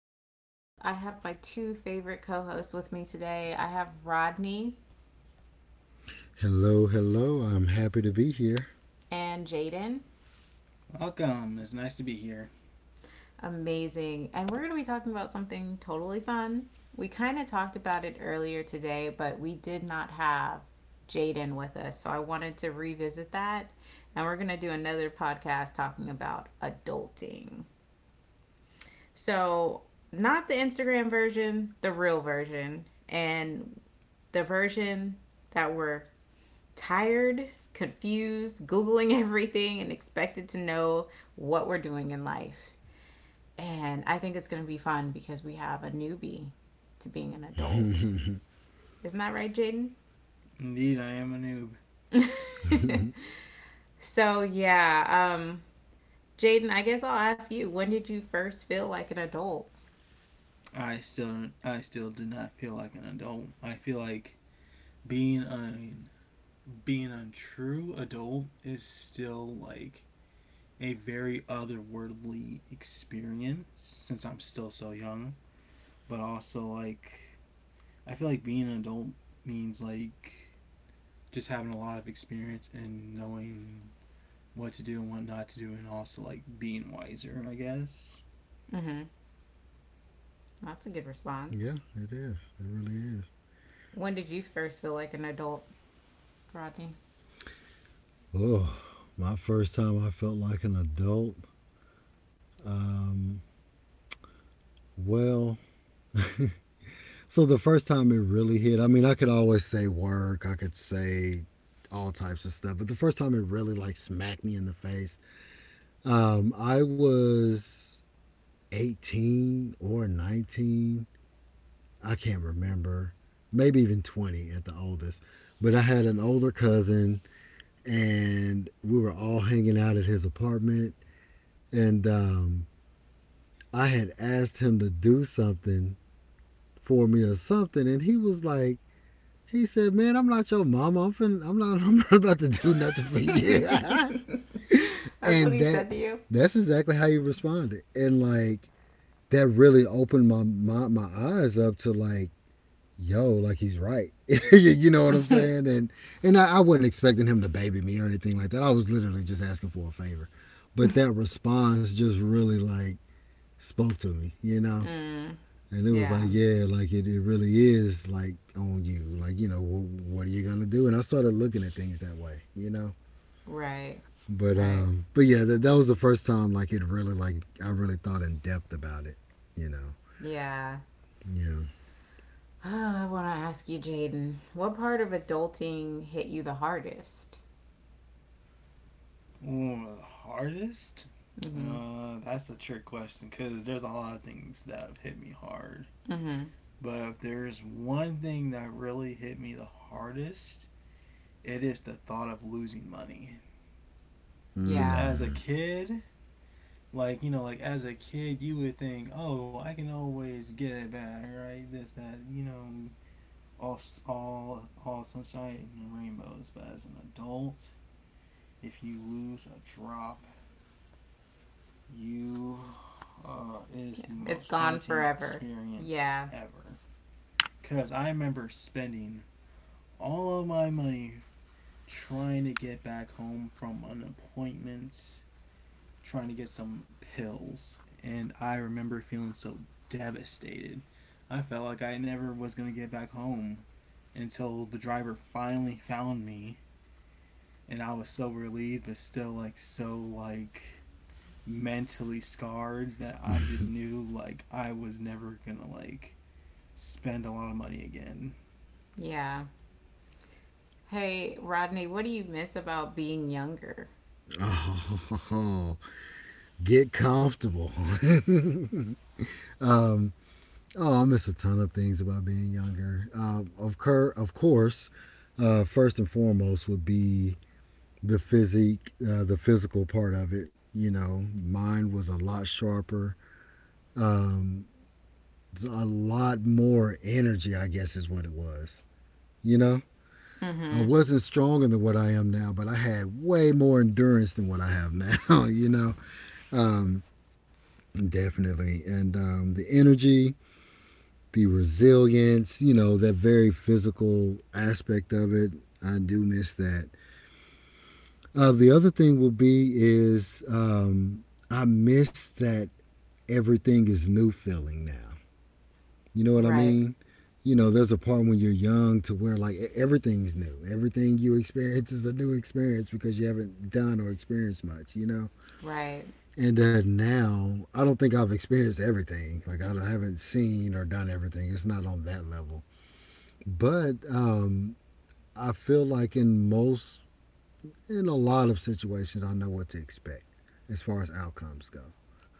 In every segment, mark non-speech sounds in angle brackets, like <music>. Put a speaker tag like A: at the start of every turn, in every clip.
A: podcast. I have my two favorite co hosts with me today. I have Rodney
B: Hello, hello. I'm happy to be here.
A: and Jaden.
C: Welcome. It's nice to be here.
A: Amazing. And we're going to be talking about something totally fun. We kind of talked about it earlier today, but we did not have Jaden with us. So I wanted to revisit that. And we're going to do another podcast talking about adulting. So, not the Instagram version, the real version. And the version that we're tired, confused, Googling <laughs> everything, and expected to know what we're doing in life. And I think it's going to be fun because we have a newbie to being an adult. Isn't that right, Jaden?
C: Indeed, I am a noob.
A: <laughs> So, Jaden, I guess I'll ask you, when did you first feel like an adult?
C: I still do not feel like an adult. I feel like being an being a true adult is still like a very otherworldly experience since I'm still so young. But also, like, I feel like being an adult means like just having a lot of experience and knowing what to do and what not to do, and also like being wiser, I guess.
A: Mm-hmm. That's a good
B: Yeah,
A: response.
B: it is. It really is.
A: When did you first feel like an adult, Rodney?
B: Oh, my first time I felt like an adult. Um, well, so the first time it really hit, I mean, I could always say work, I could say all types of stuff, but the first time it really like smacked me in the face, I was 18 or 19. I can't remember. Maybe even 20 at the oldest. But I had an older cousin and we were all hanging out at his apartment. And I had asked him to do something for me or something, and he was like, he said, "Man, I'm not your mama. I'm not. <laughs> I'm not about to do nothing for you."
A: <laughs>
B: <laughs>
A: That's what
B: and
A: he
B: that
A: said to
B: that's exactly how he responded, and like that really opened my eyes up to like, yo, like he's right. <laughs> You know what I'm
A: you?
B: saying? I wasn't expecting him to baby me or anything like that. I was literally just asking for a favor. But that
A: <laughs>
B: response just really like spoke to me, you know?
A: Mm.
B: And it was like,
A: Yeah.
B: yeah, like it really is like on you. Like, you know, what are you going to do? And I started looking at things that way, you know?
A: Right.
B: But
A: Right.
B: um but yeah, that was the first time like it really like I really thought in depth about it, you know.
A: Yeah. <sighs>
B: Yeah.
A: Oh, I want to ask you, Jaden, what part of adulting hit you the hardest?
C: Ooh, hardest?
A: Mm-hmm.
C: That's a trick question because there's a lot of things that have hit me hard.
A: Mm-hmm.
C: But if there's one thing that really hit me the hardest, it is the thought of losing money. Because
A: Yeah.
C: as a
B: Mm.
C: kid, like, like as a kid, you would think, oh, I can always get it back, right? This, that, all, all sunshine and rainbows. But as an adult, if you lose a drop, you is
A: Yeah.
C: the
A: It's
C: most
A: gone
C: haunting
A: forever.
C: experience
A: Yeah.
C: ever. Because I remember spending all of my money trying to get back home from an appointment, trying to get some pills. And I remember feeling so devastated. I felt like I never was going to get back home until the driver finally found me. And I was so relieved, but still, like, so, like, mentally scarred that I just knew like I was never gonna like spend a lot of money again.
A: Yeah. Hey, Rodney, what do you miss about being younger?
B: <laughs> Oh, get comfortable. <laughs> Oh, I miss a ton of things about being younger. Of, cur- of course, first and foremost would be the physique, the physical part of it. You know, mine was a lot sharper, um, so a lot more energy, I guess, is what it was. You know, I
A: Mm-hmm.
B: wasn't stronger than what I am now, but I had way more endurance than what I have now, <laughs> you know, um, definitely. And the energy, the resilience, you know, that very physical aspect of it. I do miss that. The other thing will be is I miss that everything is new feeling now. You know what I
A: Right.
B: mean? You know, there's a part when you're young to where like everything's new. Everything you experience is a new experience because you haven't done or experienced much, you know?
A: Right.
B: And now, I don't think I've experienced everything. Like, I haven't seen or done everything. It's not on that level. But I feel like in a lot of situations, I know what to expect as far as outcomes go.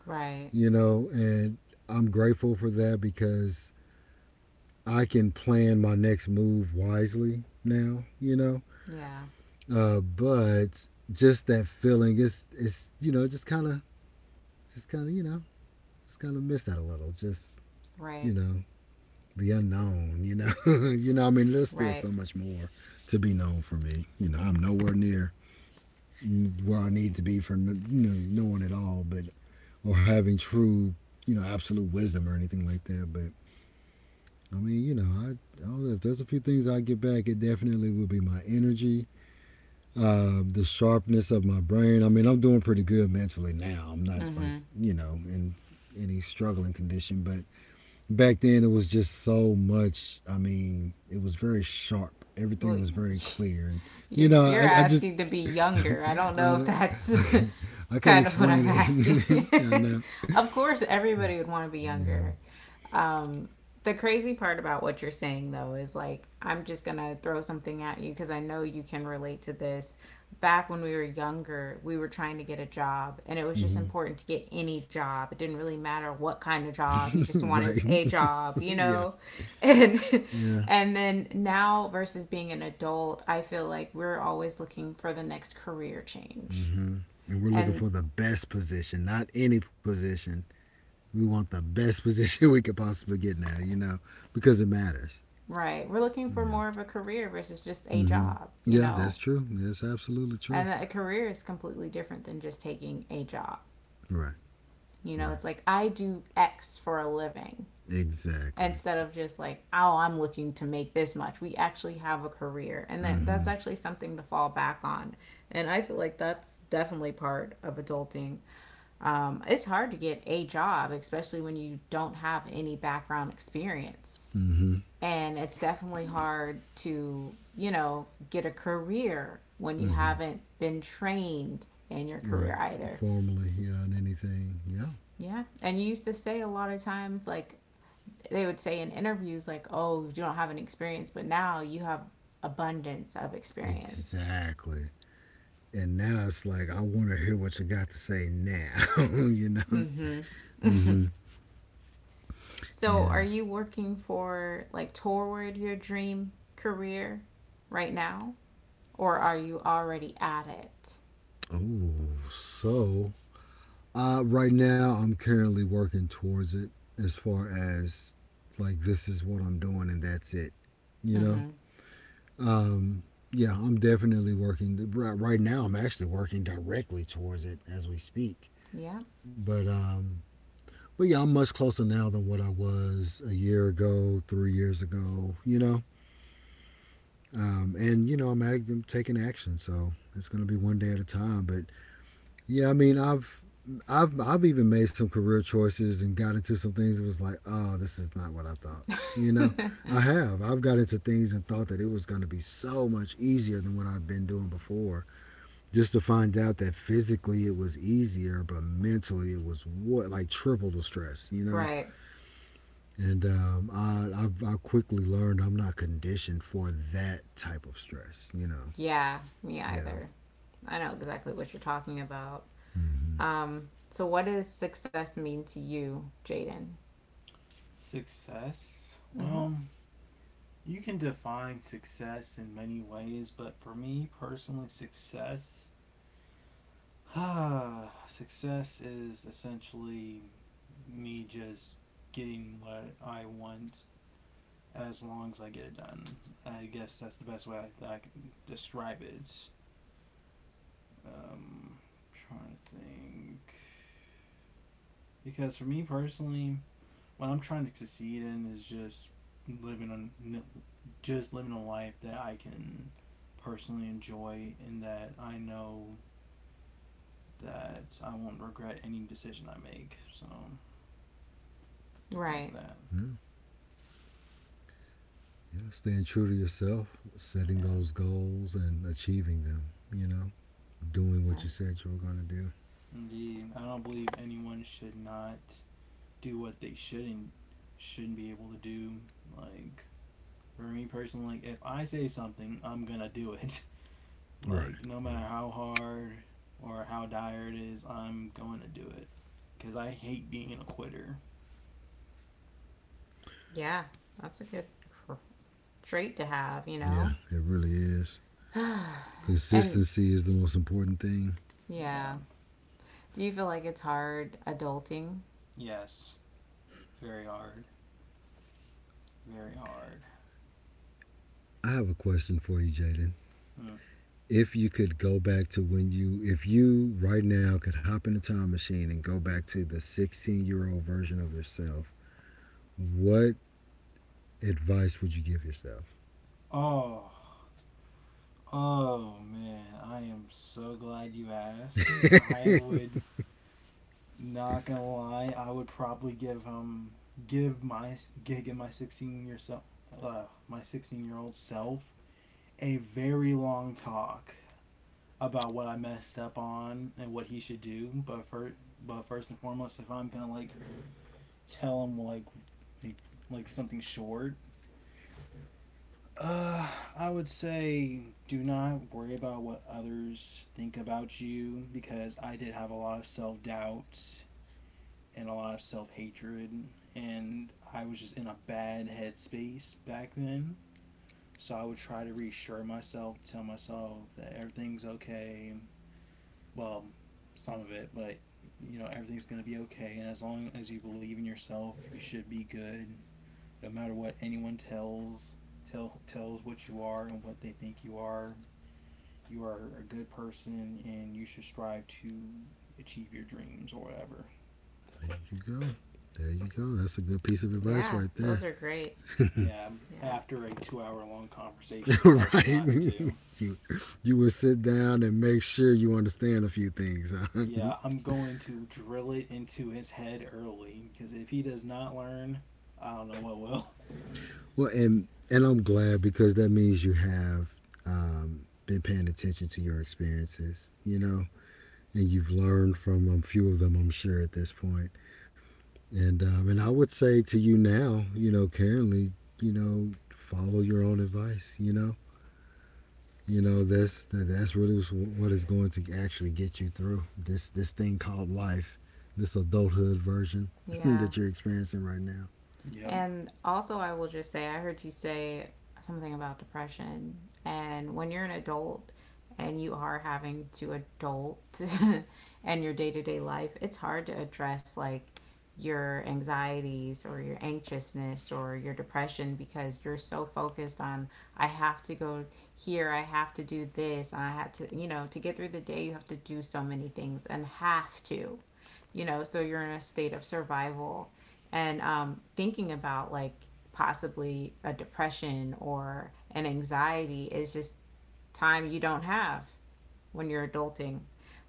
A: Right.
B: You know, and I'm grateful for that because I can plan my next move wisely now. You know,
A: Yeah.
B: but just that feeling is you know just kind of you know just kind of miss that a little. Just
A: Right.
B: you know the unknown. You know, <laughs> you know. I mean, there's still
A: Right.
B: so much more to be known for me. You know, I'm nowhere near where I need to be for, you know, knowing it all, but or having true, you know, absolute wisdom or anything like that. But I mean, you know, I don't know if there's a few things I get back. It definitely will be my energy, the sharpness of my brain. I mean, I'm doing pretty good mentally now. I'm not like,
A: Mm-hmm.
B: you know, in any struggling condition, but back then it was just so much. I mean it was very sharp, everything
A: Well,
B: was very clear and
A: <laughs>
B: you
A: you're
B: know
A: you're
B: I just
A: asking to be younger. I don't
B: <laughs>
A: know if
B: I, I,
A: that's
B: can't, I
A: <laughs>
B: can't
A: kind of what I'm
B: explain
A: asking.
B: it. <laughs> I know.
A: <laughs> Of course, everybody would want to be
B: Yeah.
A: younger. Um, the crazy part about what you're saying though is like, I'm just gonna throw something at you because I know you can relate to this. Back when we were younger, we were trying to get a job and it was just
B: Mm-hmm.
A: important to get any job. It didn't really matter what kind of job, you just
B: <laughs>
A: wanted
B: Right.
A: a job,
B: <laughs>
A: you
B: Yeah.
A: know. <laughs> and
B: Yeah.
A: and then now versus being an adult, I feel like we're always looking for the next career change.
B: Mm-hmm. And we're looking
A: And
B: for the best position, not any position. We want the best <laughs> position we could possibly get now, you know, because it matters.
A: right, we're looking for
B: Yeah.
A: more of a career versus just a
B: Mm-hmm.
A: job, you
B: Yeah,
A: know.
B: that's true, that's absolutely
A: And
B: true.
A: that a career is completely different than just taking a job.
B: Right.
A: You know,
B: Right.
A: it's like I do X for a living
B: Exactly.
A: instead of just like, oh, I'm looking to make this much. We actually have a career, and that's
B: Mm-hmm.
A: actually something to fall back on. And I feel like that's definitely part of adulting. It's hard to get a job, especially when you don't have any background experience,
B: Mm-hmm.
A: and it's definitely hard to, you know, get a career when you
B: Mm-hmm.
A: haven't been trained in your
B: Right.
A: career either.
B: Formally, yeah, on anything. Yeah.
A: Yeah, and you used to say a lot of times, like, they would say in interviews like, oh, you don't have any experience, but now you have abundance of experience.
B: Exactly. And now it's like I want to hear what you got to say now. <laughs> You know.
A: Mm-hmm.
B: Mm-hmm.
A: <laughs> So, are
B: Yeah.
A: you working for, like, toward your dream career right now, or are you already at it?
B: Oh, so right now I'm currently working towards it as far as like this is what I'm doing and that's it. You know.
A: Mm-hmm.
B: Um. Yeah, I'm definitely working. Right now, I'm actually working directly towards it as we speak.
A: Yeah.
B: But um, But yeah, I'm much closer now than what I was a year ago, 3 years ago, you know? And, you know, I'm taking action. So it's going to be one day at a time. But yeah, I mean, I've even made some career choices and got into some things that was like, oh, this is not what I thought. You know, I
A: <laughs>
B: have. I've got into things and thought that it was going to be so much easier than what I've been doing before. Just to find out that physically it was easier, but mentally it was what like triple the stress, you know?
A: Right.
B: And I quickly learned I'm not conditioned for that type of stress. You know.
A: Yeah, me
B: Yeah.
A: either. I know exactly what you're talking about.
B: Mm-hmm.
A: So what does success mean to you, Jaden?
C: Success?
A: Hmm.
C: Well, you can define success in many ways, but for me personally, success. <sighs> Success is essentially me just getting what I want as long as I get it done. I guess that's the best way that I can describe it. Um, Trying to think. Because for me personally, what I'm trying to succeed in is just living on just living a life that I can personally enjoy and that I know that I won't regret any decision I make. So that's
A: Right.
C: that.
B: Yeah. Yeah. Staying true to yourself, setting
C: Yeah.
B: those goals and achieving them. You know, doing
A: Yeah.
B: what you said you were going to do.
C: Indeed. I don't believe anyone should not do what they shouldn't be able to do. Like for me personally, like if I say something, I'm gonna do it. <laughs>
B: Right.
C: Like no matter
B: Right.
C: how hard or how dire it is, I'm going to do it because I hate being a quitter.
A: Yeah. That's a good trait to have, you
B: Yeah.
A: know?
B: It really is.
A: And
B: Consistency is the most important thing.
A: yeah.
C: Yeah.
A: Do you feel like it's hard adulting?
C: Yes. Very hard. Very hard.
B: I have a question for you, Jaden.
C: Hmm.
B: If you could go back to when you, if you right now could hop in a time machine and go back to the 16-year-old version of yourself, what advice would you give yourself?
C: Oh. Oh man, I am so glad you asked. I would not gonna lie, I would probably give gig and my sixteen year self uh, my 16-year-old self a very long talk about what I messed up on and what he should do. But first and foremost, if I'm gonna like tell him like, like something short, uh, I would say do not worry about what others think about you because I did have a lot of self doubt and a lot of self hatred, and I was just in a bad headspace back then. So I would try to reassure myself, tell myself that everything's okay, well, some of it, but everything's going to be okay. And as long as you believe in yourself, you should be good. No matter what anyone tells what you are and what they think you are. You are a good person, and you should strive to achieve your dreams or whatever.
B: There you go. There you go. That's a good piece of advice
A: Yeah,
B: right
A: those
B: there.
A: are great.
C: Yeah,
A: Yeah.
C: after a 2-hour long conversation
B: <laughs>
C: about what
B: Right? <laughs>
C: not to do.
B: you you would sit down and make sure you understand a few things.
C: Yeah,
B: <laughs>
C: I'm going to drill it into his head early because if he does not learn, I don't know what will.
B: Well, and I'm glad because that means you have been paying attention to your experiences, you know, and you've learned from a few of them, I'm sure, at this point. And I would say to you now, you know, currently, you know, follow your own advice, you know, you know that's really what is going to actually get you through this thing called life, this adulthood version <clears throat> <laughs>
A: Yeah.
B: that you're experiencing right now.
C: Yep,
A: And also, I will just say, I heard you say something about depression. And when you're an adult and you are having to adult <laughs> in your day to day life, it's hard to address like your anxieties or your anxiousness or your depression because you're so focused on I have to go here, I have to do this, and I had to, you know, to get through the day, you have to do so many things and have to, you know, so you're in a state of survival and thinking about like possibly a depression or an anxiety is just time you don't have when you're adulting.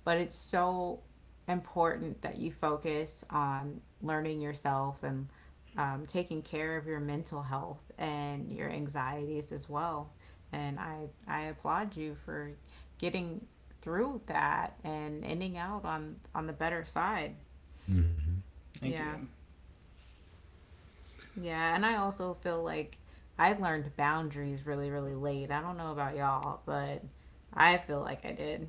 A: But it's so important that you focus on learning yourself and taking care of your mental health and your anxieties as well. And I applaud you for getting through that and ending out on the better side.
B: Mm-hmm.
C: thank
A: Yeah.
C: you.
A: Yeah, and I also feel like I learned boundaries really, really late. I don't know about y'all, but I feel like I did.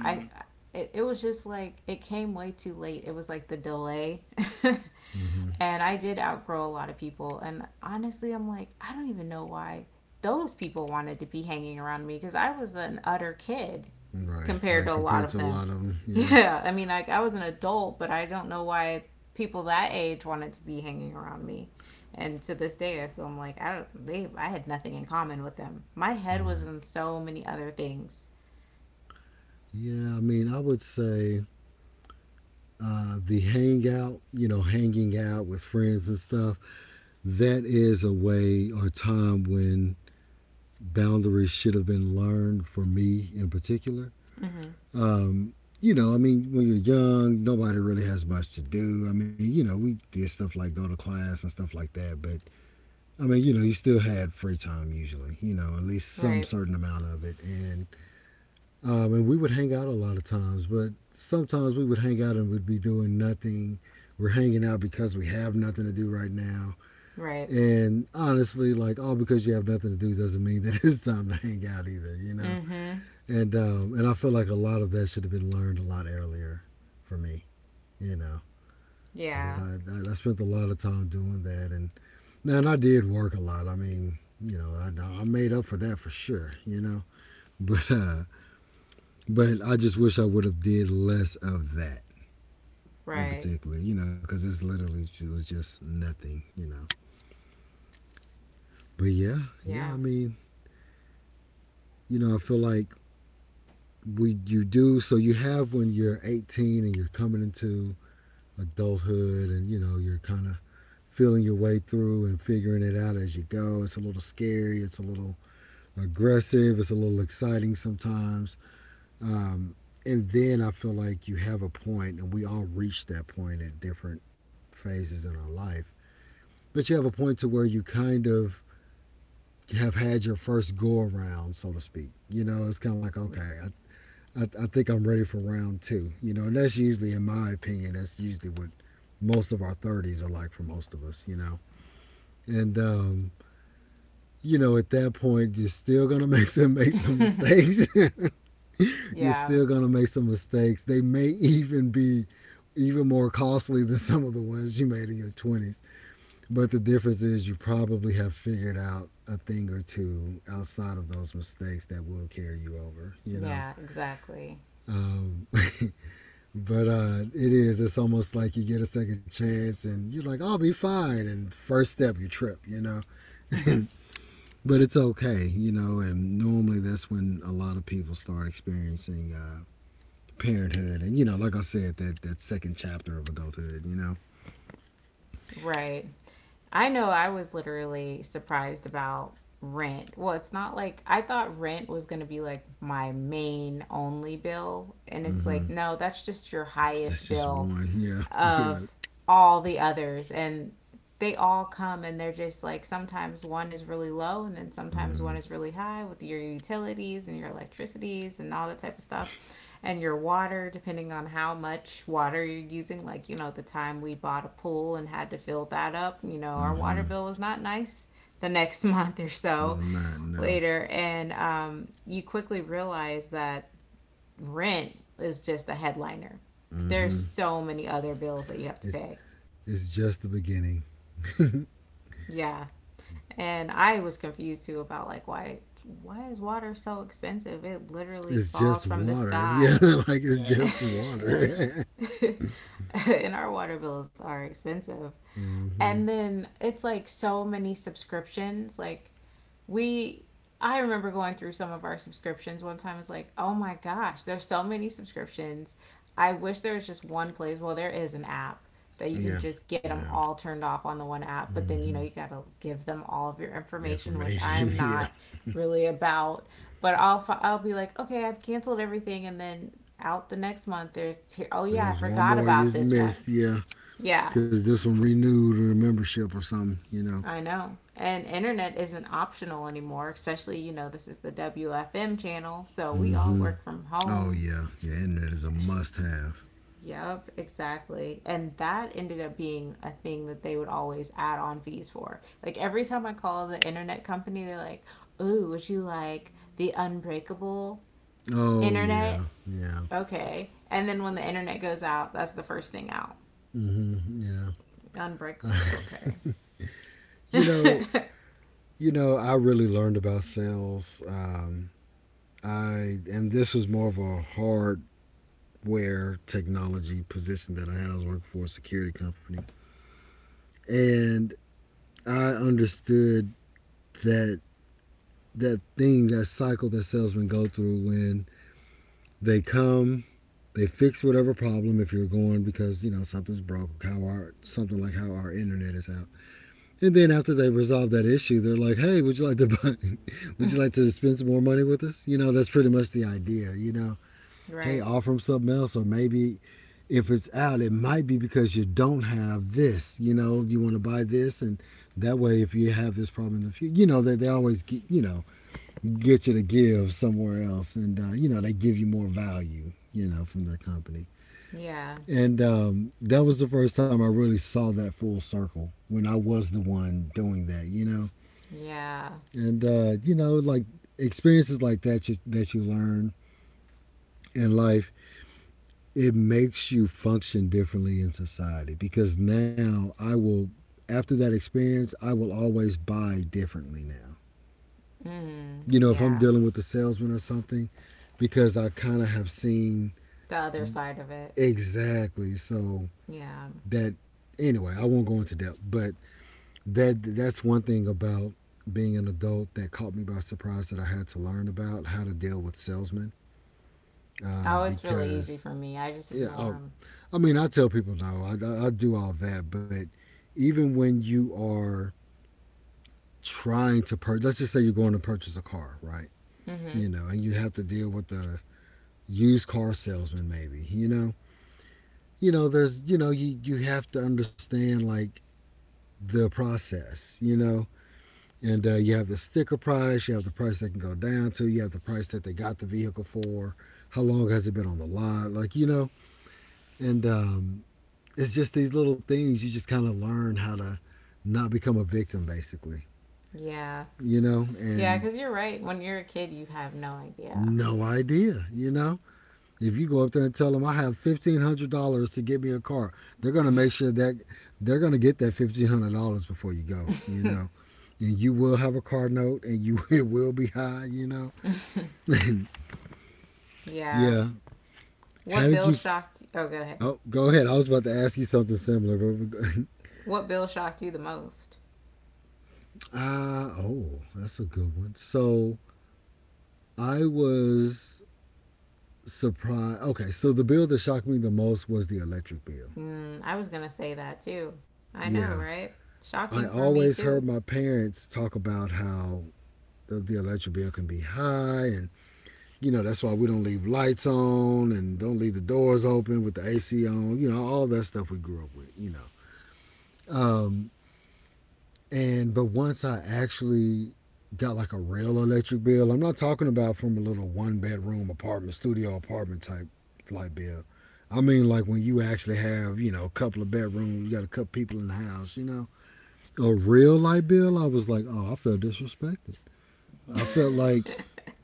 A: I, it was just like it came way too late. It was like the delay. <laughs>
B: Mm-hmm.
A: And I did outgrow a lot of people. And honestly, I'm like, I don't even know why those people wanted to be hanging around me because I was an utter kid
B: Right.
A: compared
B: Right,
A: to a lot
B: compared
A: of
B: to a
A: them.
B: lot
A: <laughs>
B: of them, yeah.
A: Yeah, I mean, like, I was an adult, but I don't know why people that age wanted to be hanging around me. And to this day, I still am like, I don't, they, I had nothing in common with them. My head was
B: Right.
A: in so many other things.
B: Yeah, I mean, I would say the hangout, you know, hanging out with friends and stuff, that is a way or time when boundaries should have been learned for me in particular.
A: Mm-hmm.
B: Um, you know, I mean, when you're young, nobody really has much to do. I mean, you know, we did stuff like go to class and stuff like that, but I mean, you know, you still had free time usually, you know, at least some
A: Right.
B: certain amount of it. And we would hang out a lot of times, but sometimes we would hang out and we'd be doing nothing. We're hanging out because we have nothing to do right now.
A: Right.
B: And honestly, like all because you have nothing to do doesn't mean that <laughs> it's time to hang out either, you know,
A: Mm-hmm.
B: and I feel like a lot of that should have been learned a lot earlier for me, you know, because
A: Yeah.
B: I spent a lot of time doing that, and I did work a lot. I mean, you know, I made up for that for sure, you know, <laughs> but uh, but I just wish I would have did less of that in
A: Right.
B: particular, you know, because it's literally it was just nothing, you know. But yeah, yeah, I
A: Yeah.
B: mean, you know, I feel like we you do so you have when you're 18 and you're coming into adulthood and you know you're kind of feeling your way through and figuring it out as you go. It's a little scary. It's a little aggressive. It's a little exciting sometimes. Um, and then I feel like you have a point, and we all reach that point at different phases in our life. But you have a point to where you kind of have had your first go around, so to speak. You know, it's kind of like, okay, I think I'm ready for round two. You know, and that's usually, in my opinion, that's usually what most of our 30s are like for most of us, you know. And you know, at that point, you're still gonna <laughs> make some
A: <laughs>
B: mistakes. <laughs> You're
A: Yeah.
B: still gonna make some mistakes. They may even be even more costly than some of the ones you made in your 20s. But the difference is you probably have figured out a thing or two outside of those mistakes that will carry you over, you know?
A: Yeah, exactly.
B: Um, <laughs> but it is, it's almost like you get a second chance and you're like, I'll be fine. And first step, you trip, you know?
A: Mhm.
B: <laughs> But it's okay, you know. And normally that's when a lot of people start experiencing parenthood, and you know, like I said, that second chapter of adulthood, you know.
A: Right. I know I was literally surprised about rent. Well, it's not like I thought rent was going to be like my main only bill. And it's like,
B: Mm-hmm.
A: no, that's just your highest
B: That's just
A: bill
B: one. Yeah, <laughs> yeah.
A: of all the others, and they all come and they're just like sometimes one is really low and then sometimes
B: Mm-hmm.
A: one is really high with your utilities and your electricities and all that type of stuff, and your water, depending on how much water you're using. Like, you know, the time we bought a pool and had to fill that up, you know, our water
B: Mm-hmm.
A: bill was not nice the next <laughs> month or so
B: Was not no.
A: later. And you quickly realize that rent is just a headliner. There's
B: Mm-hmm.
A: so many other bills that you have to
B: It's
A: pay.
B: it's just the beginning.
A: Yeah. And I was confused too about like, why is water so expensive? It literally
B: It's
A: falls
B: just
A: from the
B: water. Yeah,
A: sky.
B: <laughs> like it's
C: Yeah, it's
B: just
C: just water.
B: water.
A: <laughs> And our water bills are expensive.
B: <laughs> Mm-hmm.
A: And then it's like so many subscriptions. Like, we, I remember going through some of our subscriptions one time. It's like, oh my gosh, there's so many subscriptions. I wish there was just one place. Well, there is an app that you can
B: Yeah,
A: just get
B: yeah.
A: them all turned off on the one app, but then you
B: Mm-hmm.
A: know you got to give them all of your information, which
B: Information.
A: I'm
B: <laughs> Yeah.
A: not really about. But I'll be like, okay, I've canceled everything, and then out the next month there's, oh
B: There
A: yeah, I
B: was one
A: forgot
B: more you
A: about this one.
B: missed. Yeah.
A: Yeah,
B: Because this one renewed her membership or something, you know.
A: I know. And internet isn't optional anymore, especially, you know, this is the WFM channel, so we all
B: Mm-hmm.
A: work from
B: Oh,
A: home.
B: yeah. Yeah, internet is a must have.
A: Yep, exactly. And that ended up being a thing that they would always add on fees for. Like every time I call the internet company, they're like, "Ooh, would you like the unbreakable
B: Oh,
A: internet?"
B: yeah. Yeah.
A: Okay. And then when the internet goes out, that's the first thing out.
B: Mm-hmm. Yeah.
A: Unbreakable. Okay.
B: <laughs> you know,
A: <laughs>
B: I really learned about sales. I and this was more of a hardware technology position that I had. I was working for a security company, and I understood that that thing, that cycle that salesmen go through when they come they fix whatever problem if you're going because you know something's broke. How our something Like how our internet is out, and then after they resolve that issue, they're like, "Hey, would you like to buy, <laughs> would you like to spend some more money with us?" You know, that's pretty much the idea. You know, hey,
A: Right.
B: offer them something else, or maybe if it's out, it might be because you don't have this. You know, you want to buy this, and that way, if you have this problem in the future, you know they always get get you to give somewhere else, and you know they give you more value. You know, from their company.
A: Yeah.
B: And that was the first time I really saw that full circle when I was the one doing that, you know.
A: Yeah.
B: And you know, like experiences like that you learn in life, it makes you function differently in society because now I will after that experience, I will always buy differently now.
A: Mm,
B: You know, if I'm
A: yeah.
B: dealing with a salesman or something because I kind of have seen.
A: The other side of it.
B: Exactly. So
A: Yeah.
B: that anyway, I won't go into depth, but that's one thing about being an adult that caught me by surprise that I had to learn about how to deal with salesmen
A: Oh, it's really easy
B: because
A: for me. I just
B: yeah I,
A: ignore
B: I mean I tell people no I do all that but even when you are trying to purchase, let's just say you're going to purchase a car, right?
A: them. Hmm.
B: You know, and you have to deal with the used car salesman, maybe, you know. There's, you know, you have to understand like the process, you know. And you have the sticker price, you have the price they can go down to, you have the price that they got the vehicle for, how long has it been on the lot, like, and it's just these little things you just kind of learn how to not become a victim, basically,
A: Yeah.
B: you know,
A: Yeah,
B: and
A: because you're right. When you're a kid, you have no idea.
B: no idea, you know. If you go up there and tell them I have $1,500 to get me a car, they're gonna make sure that they're gonna get that $1,500 before you go, you know. And you will have a car note, and you <laughs> it will be high, you know. <laughs>
A: <laughs> Yeah.
B: Yeah. How
A: What
B: did
A: bill
B: you?
A: shocked you? Oh, go ahead.
B: Oh, go ahead. I was about to ask you something similar, but we
A: What bill shocked you the most?
B: <laughs> oh, that's a good one. So I was surprised. Okay, so the bill that shocked me the most was the electric bill.
A: Mm, I was gonna say that too. I know,
B: Yeah,
A: right?
B: I
A: Shocking for me
B: always
A: too.
B: heard my parents talk about how the electric bill can be high, and you know that's why we don't leave lights on and don't leave the doors open with the AC on. You know all that stuff we grew up with. You know. Um, And but once I actually got like a real electric bill, I'm not talking about from a little one bedroom apartment, studio apartment type light bill. I mean like when you actually have, you know, a couple of bedrooms, you got a couple people in the house, you know. A real light bill, I was like, "Oh, I felt disrespected." I felt
C: Ugh.
B: like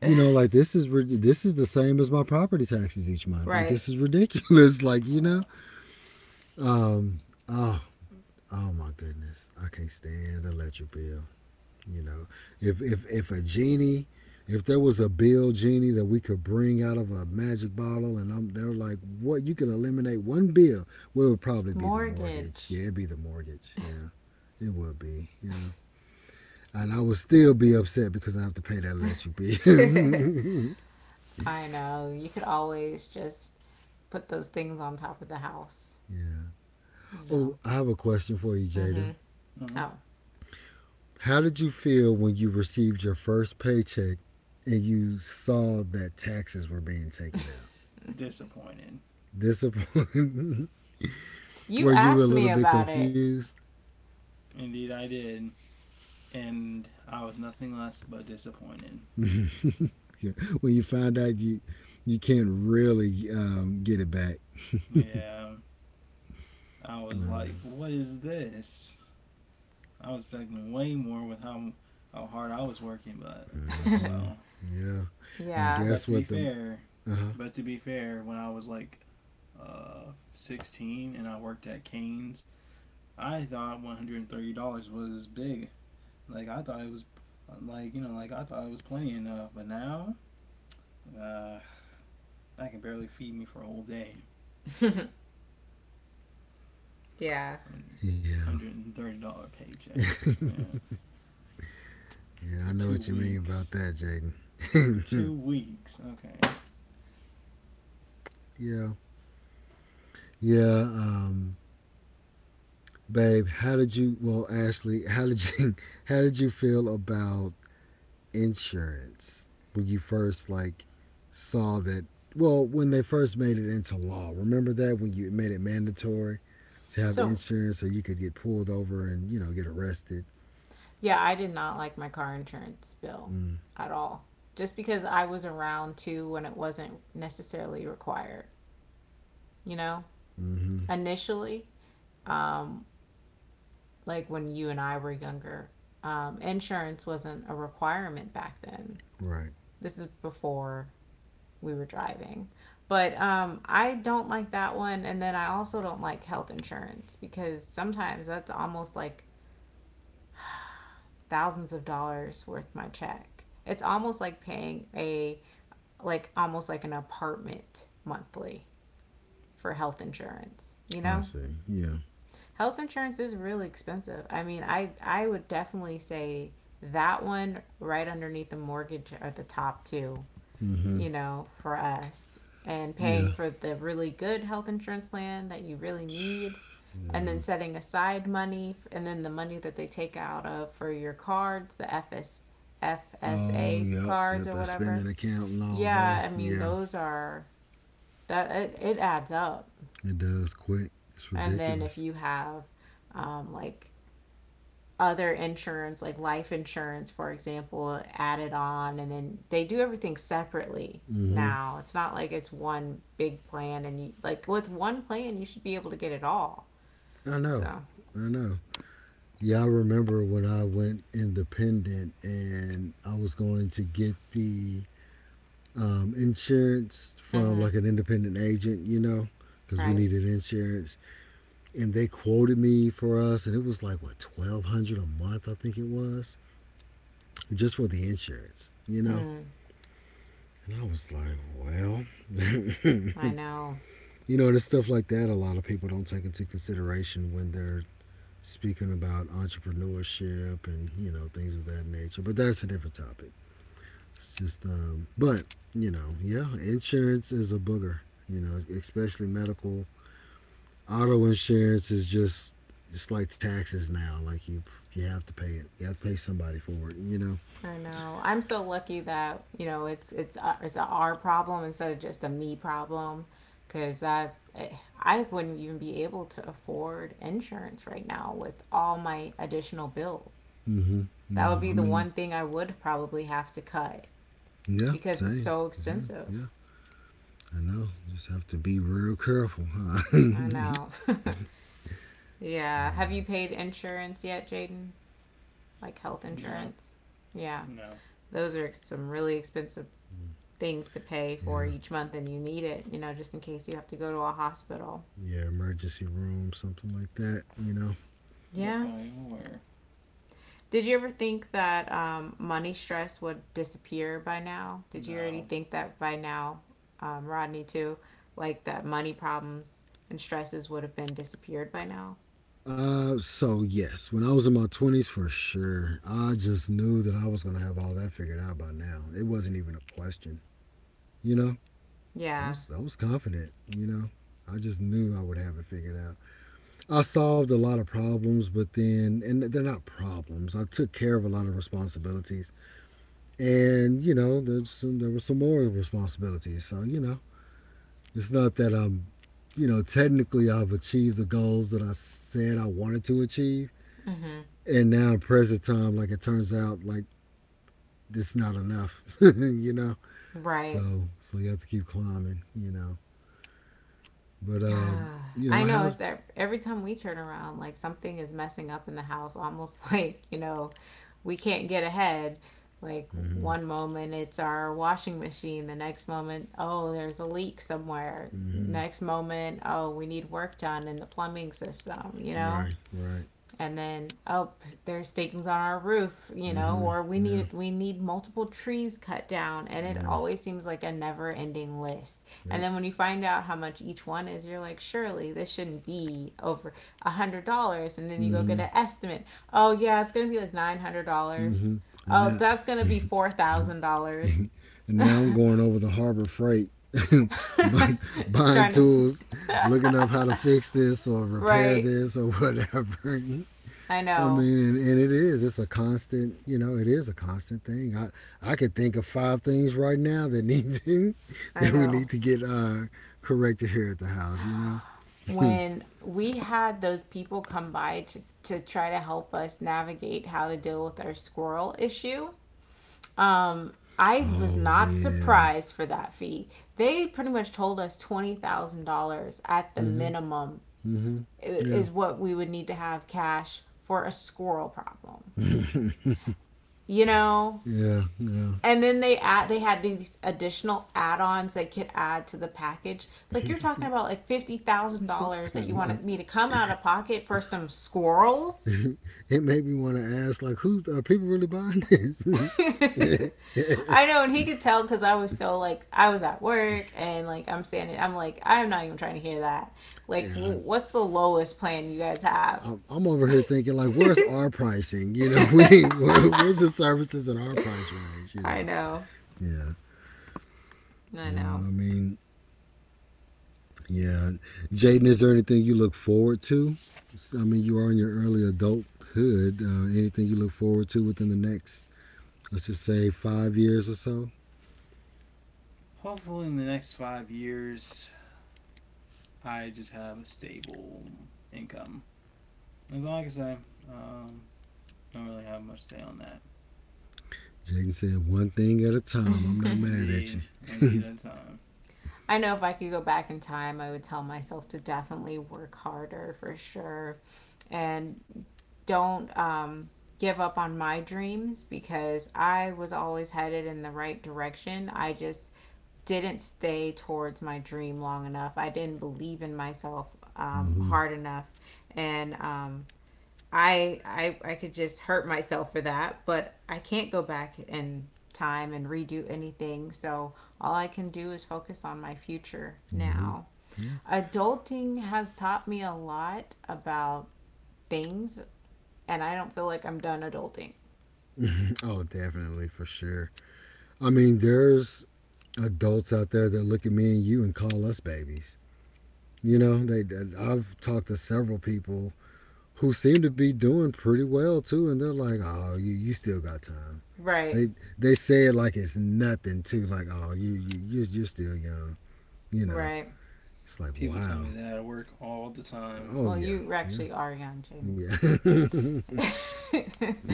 B: you know, like this is the same as my property taxes each month. Like
A: Right.
B: this is ridiculous. <laughs> Like,
C: Uh,
B: um, oh, oh my goodness, I can't stand the electric bill. You know, if a genie, if there was a bill genie that we could bring out of a magic bottle, and I'm they're like, what you can eliminate one bill, well, it would probably be the mortgage.
A: Mortgage.
B: Yeah, it'd be the mortgage. Yeah, it would be. Yeah, and I would still be upset because I have to pay that let you
A: <laughs>
B: be. <laughs>
A: I know. You could always just put those things on top of the house,
B: Yeah.
A: you know.
B: Oh, I have a question for you,
A: Mm-hmm.
B: Jada.
C: mm,
B: How did you feel when you received your first paycheck and you saw that taxes were being
A: Oh.
B: taken out?
C: Disappointed.
B: Disappointed. <laughs>
A: <laughs> You
B: Were you
A: asked
B: a
A: me
B: little bit
A: about it.
B: confused
C: Indeed, I did. And I was nothing less but disappointed.
B: <laughs> when you found out you can't really get it back?
C: Yeah, I was like, what is this? I was expecting way more with how hard I was working, but oh well.
B: Mm-hmm.
A: <laughs>
B: Yeah. And
C: But
A: Yeah.
C: to be
B: guess what? The
C: fair,
B: Uh huh.
C: but to be fair, when I was like 16 and I worked at Canes, I thought $130 was big. Like I thought it was, like like I thought it was plenty enough, but now, uh, that can barely feed me for a whole day.
A: <laughs> Yeah.
C: 100
B: Yeah.
C: $130 paycheck. Yeah. For
B: Yeah. I
C: two
B: know what you mean
C: weeks.
B: about that, Jaden.
C: For 2 weeks. Okay.
B: <laughs> Yeah. Yeah. Babe, how did you? Well, Ashley, how did you? <laughs> How did you feel about insurance when you first like saw that? Well, when they first made it into law, remember that when you made it mandatory to have
A: So,
B: insurance so you could get pulled over and you know get arrested.
A: yeah, I did not like my car insurance bill
B: Mm,
A: at all. Just because I was around too when it wasn't necessarily required, you know?
B: mm-hmm.
A: Initially, um, like when you and I were younger, insurance wasn't a requirement back then.
B: Right.
A: This is before we were driving. But I don't like that one. And then I also don't like health insurance because sometimes that's almost like thousands of dollars worth my check. It's almost like paying a, like, almost like an apartment monthly for health insurance, you
B: I
A: know?
B: see. Yeah.
A: Health insurance is really expensive. I mean, I would definitely say that one right underneath the mortgage are the top two,
B: Mm-hmm.
A: you know, for us, and paying
B: Yeah.
A: for the really good health insurance plan that you really need, and then
B: Yeah.
A: setting aside money, and then the money that they take out of for your cards, the
B: Oh,
A: FSA
B: yep.
A: cards
B: Yep.
A: or
B: That
A: whatever.
B: spending account and all that.
A: Yeah, I mean,
B: Yeah.
A: those are, that it adds up.
B: It does quick. It's
A: And then
B: ridiculous.
A: if you have like other insurance, like life insurance, for example, added on, and then they do everything separately
B: Mm-hmm.
A: now. It's not like it's one big plan, and you like with one plan, you should be able to get it all.
B: I know.
A: So,
B: I know. Yeah, I remember when I went independent and I was going to get the insurance from
A: mm-hmm,
B: like an independent agent, you know, because we
A: right?
B: needed insurance and they quoted me for us, and it was like what $1,200 a month, I think it was, just for the insurance, you know.
A: Mm,
B: And I was like, well,
A: I
B: <laughs>
A: know.
B: you know, and it's stuff like that. A lot of people don't take into consideration when they're speaking about entrepreneurship and things of that nature. But that's a different topic. It's just, but yeah, insurance is a booger. You know, especially medical. Auto insurance is just it's like taxes now. Like you have to pay it. You have to pay somebody for it. You know.
A: I know. I'm so lucky that, you know, it's a our problem instead of just a me problem, because that eh, I wouldn't even be able to afford insurance right now with all my additional bills.
B: Mm-hmm.
A: That would
B: Yeah.
A: be
B: I
A: the
B: mean,
A: one thing I would probably have to cut
B: yeah.
A: because it's
B: Same.
A: so
B: Same.
A: expensive.
B: Yeah. I know. Just have to be real careful, huh? <laughs>
A: I
B: Yeah.
A: know. <laughs> Yeah. Have you paid insurance yet, Jaden? Like health
C: No.
A: insurance? Yeah.
C: No.
A: Those are some really expensive things to pay for
B: Yeah.
A: each month, and you need it, you know, just in case you have to go to a hospital.
B: Yeah. Emergency room, something like that. You know.
A: Yeah.
C: Goodbye, aware.
A: Did you ever think that money stress would disappear by now? Did you
C: No.
A: already think that by now, Rodney, too? Like, that money problems and stresses would have been disappeared by now?
B: So yes, when I was in my twenties, for sure, I just knew that I was gonna have all that figured out by now. It wasn't even a question, you know. I
A: Yeah.
B: was I was confident, you know. I just knew I would have it figured out. I solved a lot of problems, but then, and they're not problems. I took care of a lot of responsibilities, and you know, there were some more responsibilities. So you know, it's not that I'm, you know, technically I've achieved the goals that I said I wanted to achieve,
A: Mm-hmm.
B: and now in present time, like it turns out, like it's not enough, <laughs> you know.
A: Right.
B: So you have to keep climbing, you know. But
A: <sighs> I
B: I
A: know,
B: have.
A: it's every time we turn around, like something is messing up in the house, almost. <laughs> Like, you know, we can't get ahead. Like
B: Mm-hmm.
A: one moment it's our washing machine, the next moment, oh, there's a leak somewhere.
B: Mm-hmm.
A: Next moment, oh, we need work done in the plumbing system, you know?
B: Right. Right.
A: And then, oh, there's things on our roof, you know,
B: Mm-hmm.
A: or we
B: Yeah.
A: need we need multiple trees cut down, and it
B: Yeah.
A: always seems like a never ending list. And
B: Yep.
A: then when you find out how much each one is, you're like, surely this shouldn't be over $100. And then you go get
B: Mm-hmm.
A: an estimate. Oh yeah, it's gonna be like $900.
B: Mm-hmm. And
A: Oh,
B: now,
A: that's gonna be four thousand
B: <laughs>
A: dollars
B: and
A: <laughs>
B: now I'm going over the Harbor Freight, <laughs> bu- buying
A: Trying to.
B: tools, looking
A: <laughs>
B: up how to fix this or repair
A: Right.
B: this or whatever. <laughs>
A: I
B: I
A: know.
B: mean, and it is. It's a constant. You know, it is a constant thing. I could think of five things right now that need to, <laughs>
A: I
B: that we
A: know.
B: need to get corrected here at the house. You know.
A: When we had those people come by to try to help us navigate how to deal with our squirrel issue, um, I was
B: Oh
A: not
B: yeah.
A: surprised for that fee. They pretty much told us $20,000 at the
B: Mm-hmm.
A: minimum
B: Mm-hmm. Yeah.
A: is what we would need to have cash for a squirrel problem. You know,
B: Yeah, yeah.
A: and then they add, they had these additional add-ons they could add to the package, like you're talking about like $50,000
B: <laughs>
A: that
B: I
A: you
B: know.
A: wanted me to come out of pocket for some squirrels.
B: It made me want to ask, like, who's are people really buying this? <laughs>
A: <laughs>
B: Yeah,
A: I know, and he could tell because I was so like, I was at work and like, I'm standing, I'm like, I'm not even trying to hear that, like,
B: I,
A: what's the lowest plan you guys have?
B: I'm over here thinking, like,
A: <laughs>
B: where's our pricing? You know, <laughs> where's the services in our price range? You
A: I
B: know.
A: know.
B: Yeah.
A: I know.
B: No, I mean, yeah. Jaden, is there anything you look forward to? I mean, you are in your early adulthood. Anything you look forward to within the next, let's just say, 5 years or so?
C: Hopefully, in the next 5 years, I just have a stable income. That's all I can say. Um, don't really have much to say on that.
B: Jaden said, one thing at a time. I'm not
A: <laughs>
B: mad
C: Indeed.
B: at you.
C: One deed at a time.
A: I know, if I could go back in time, I would tell myself to definitely work harder for sure, and don't give up on my dreams because I was always headed in the right direction. I just didn't stay towards my dream long enough. I didn't believe in myself
B: Hmm.
A: hard enough. And I could just hurt myself for that, but I can't go back in time and redo anything. So all I can do is focus on my future
B: Mm-hmm.
A: now.
B: Yeah.
A: Adulting has taught me a lot about things, and I don't feel like I'm done adulting.
B: <laughs> Oh, definitely for sure. I mean, there's adults out there that look at me and you and call us babies. You know, I've talked to several people who seem to be doing pretty well too, and they're like, "Oh, you still got time."
A: Right.
B: They they say it like it's nothing too, like, "Oh, you're still young." You know,
A: Right.
B: it's like,
C: People tell me
B: wow.
C: that at work all the time.
B: Oh
A: Well,
B: yeah,
A: you
B: yeah,
A: actually are young,
B: yeah. <laughs>
A: Jaden. <laughs>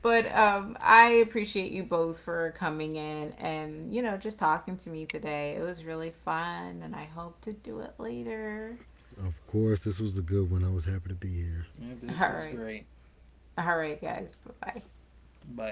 A: But I appreciate you both for coming in and, you know, just talking to me today. It was really fun, and I hope to do it later.
B: Of course, this was a good one. I was happy to be here.
C: Yep, this
A: <laughs>
C: was
A: All right.
C: great.
A: All right, guys. Bye bye.
C: Bye.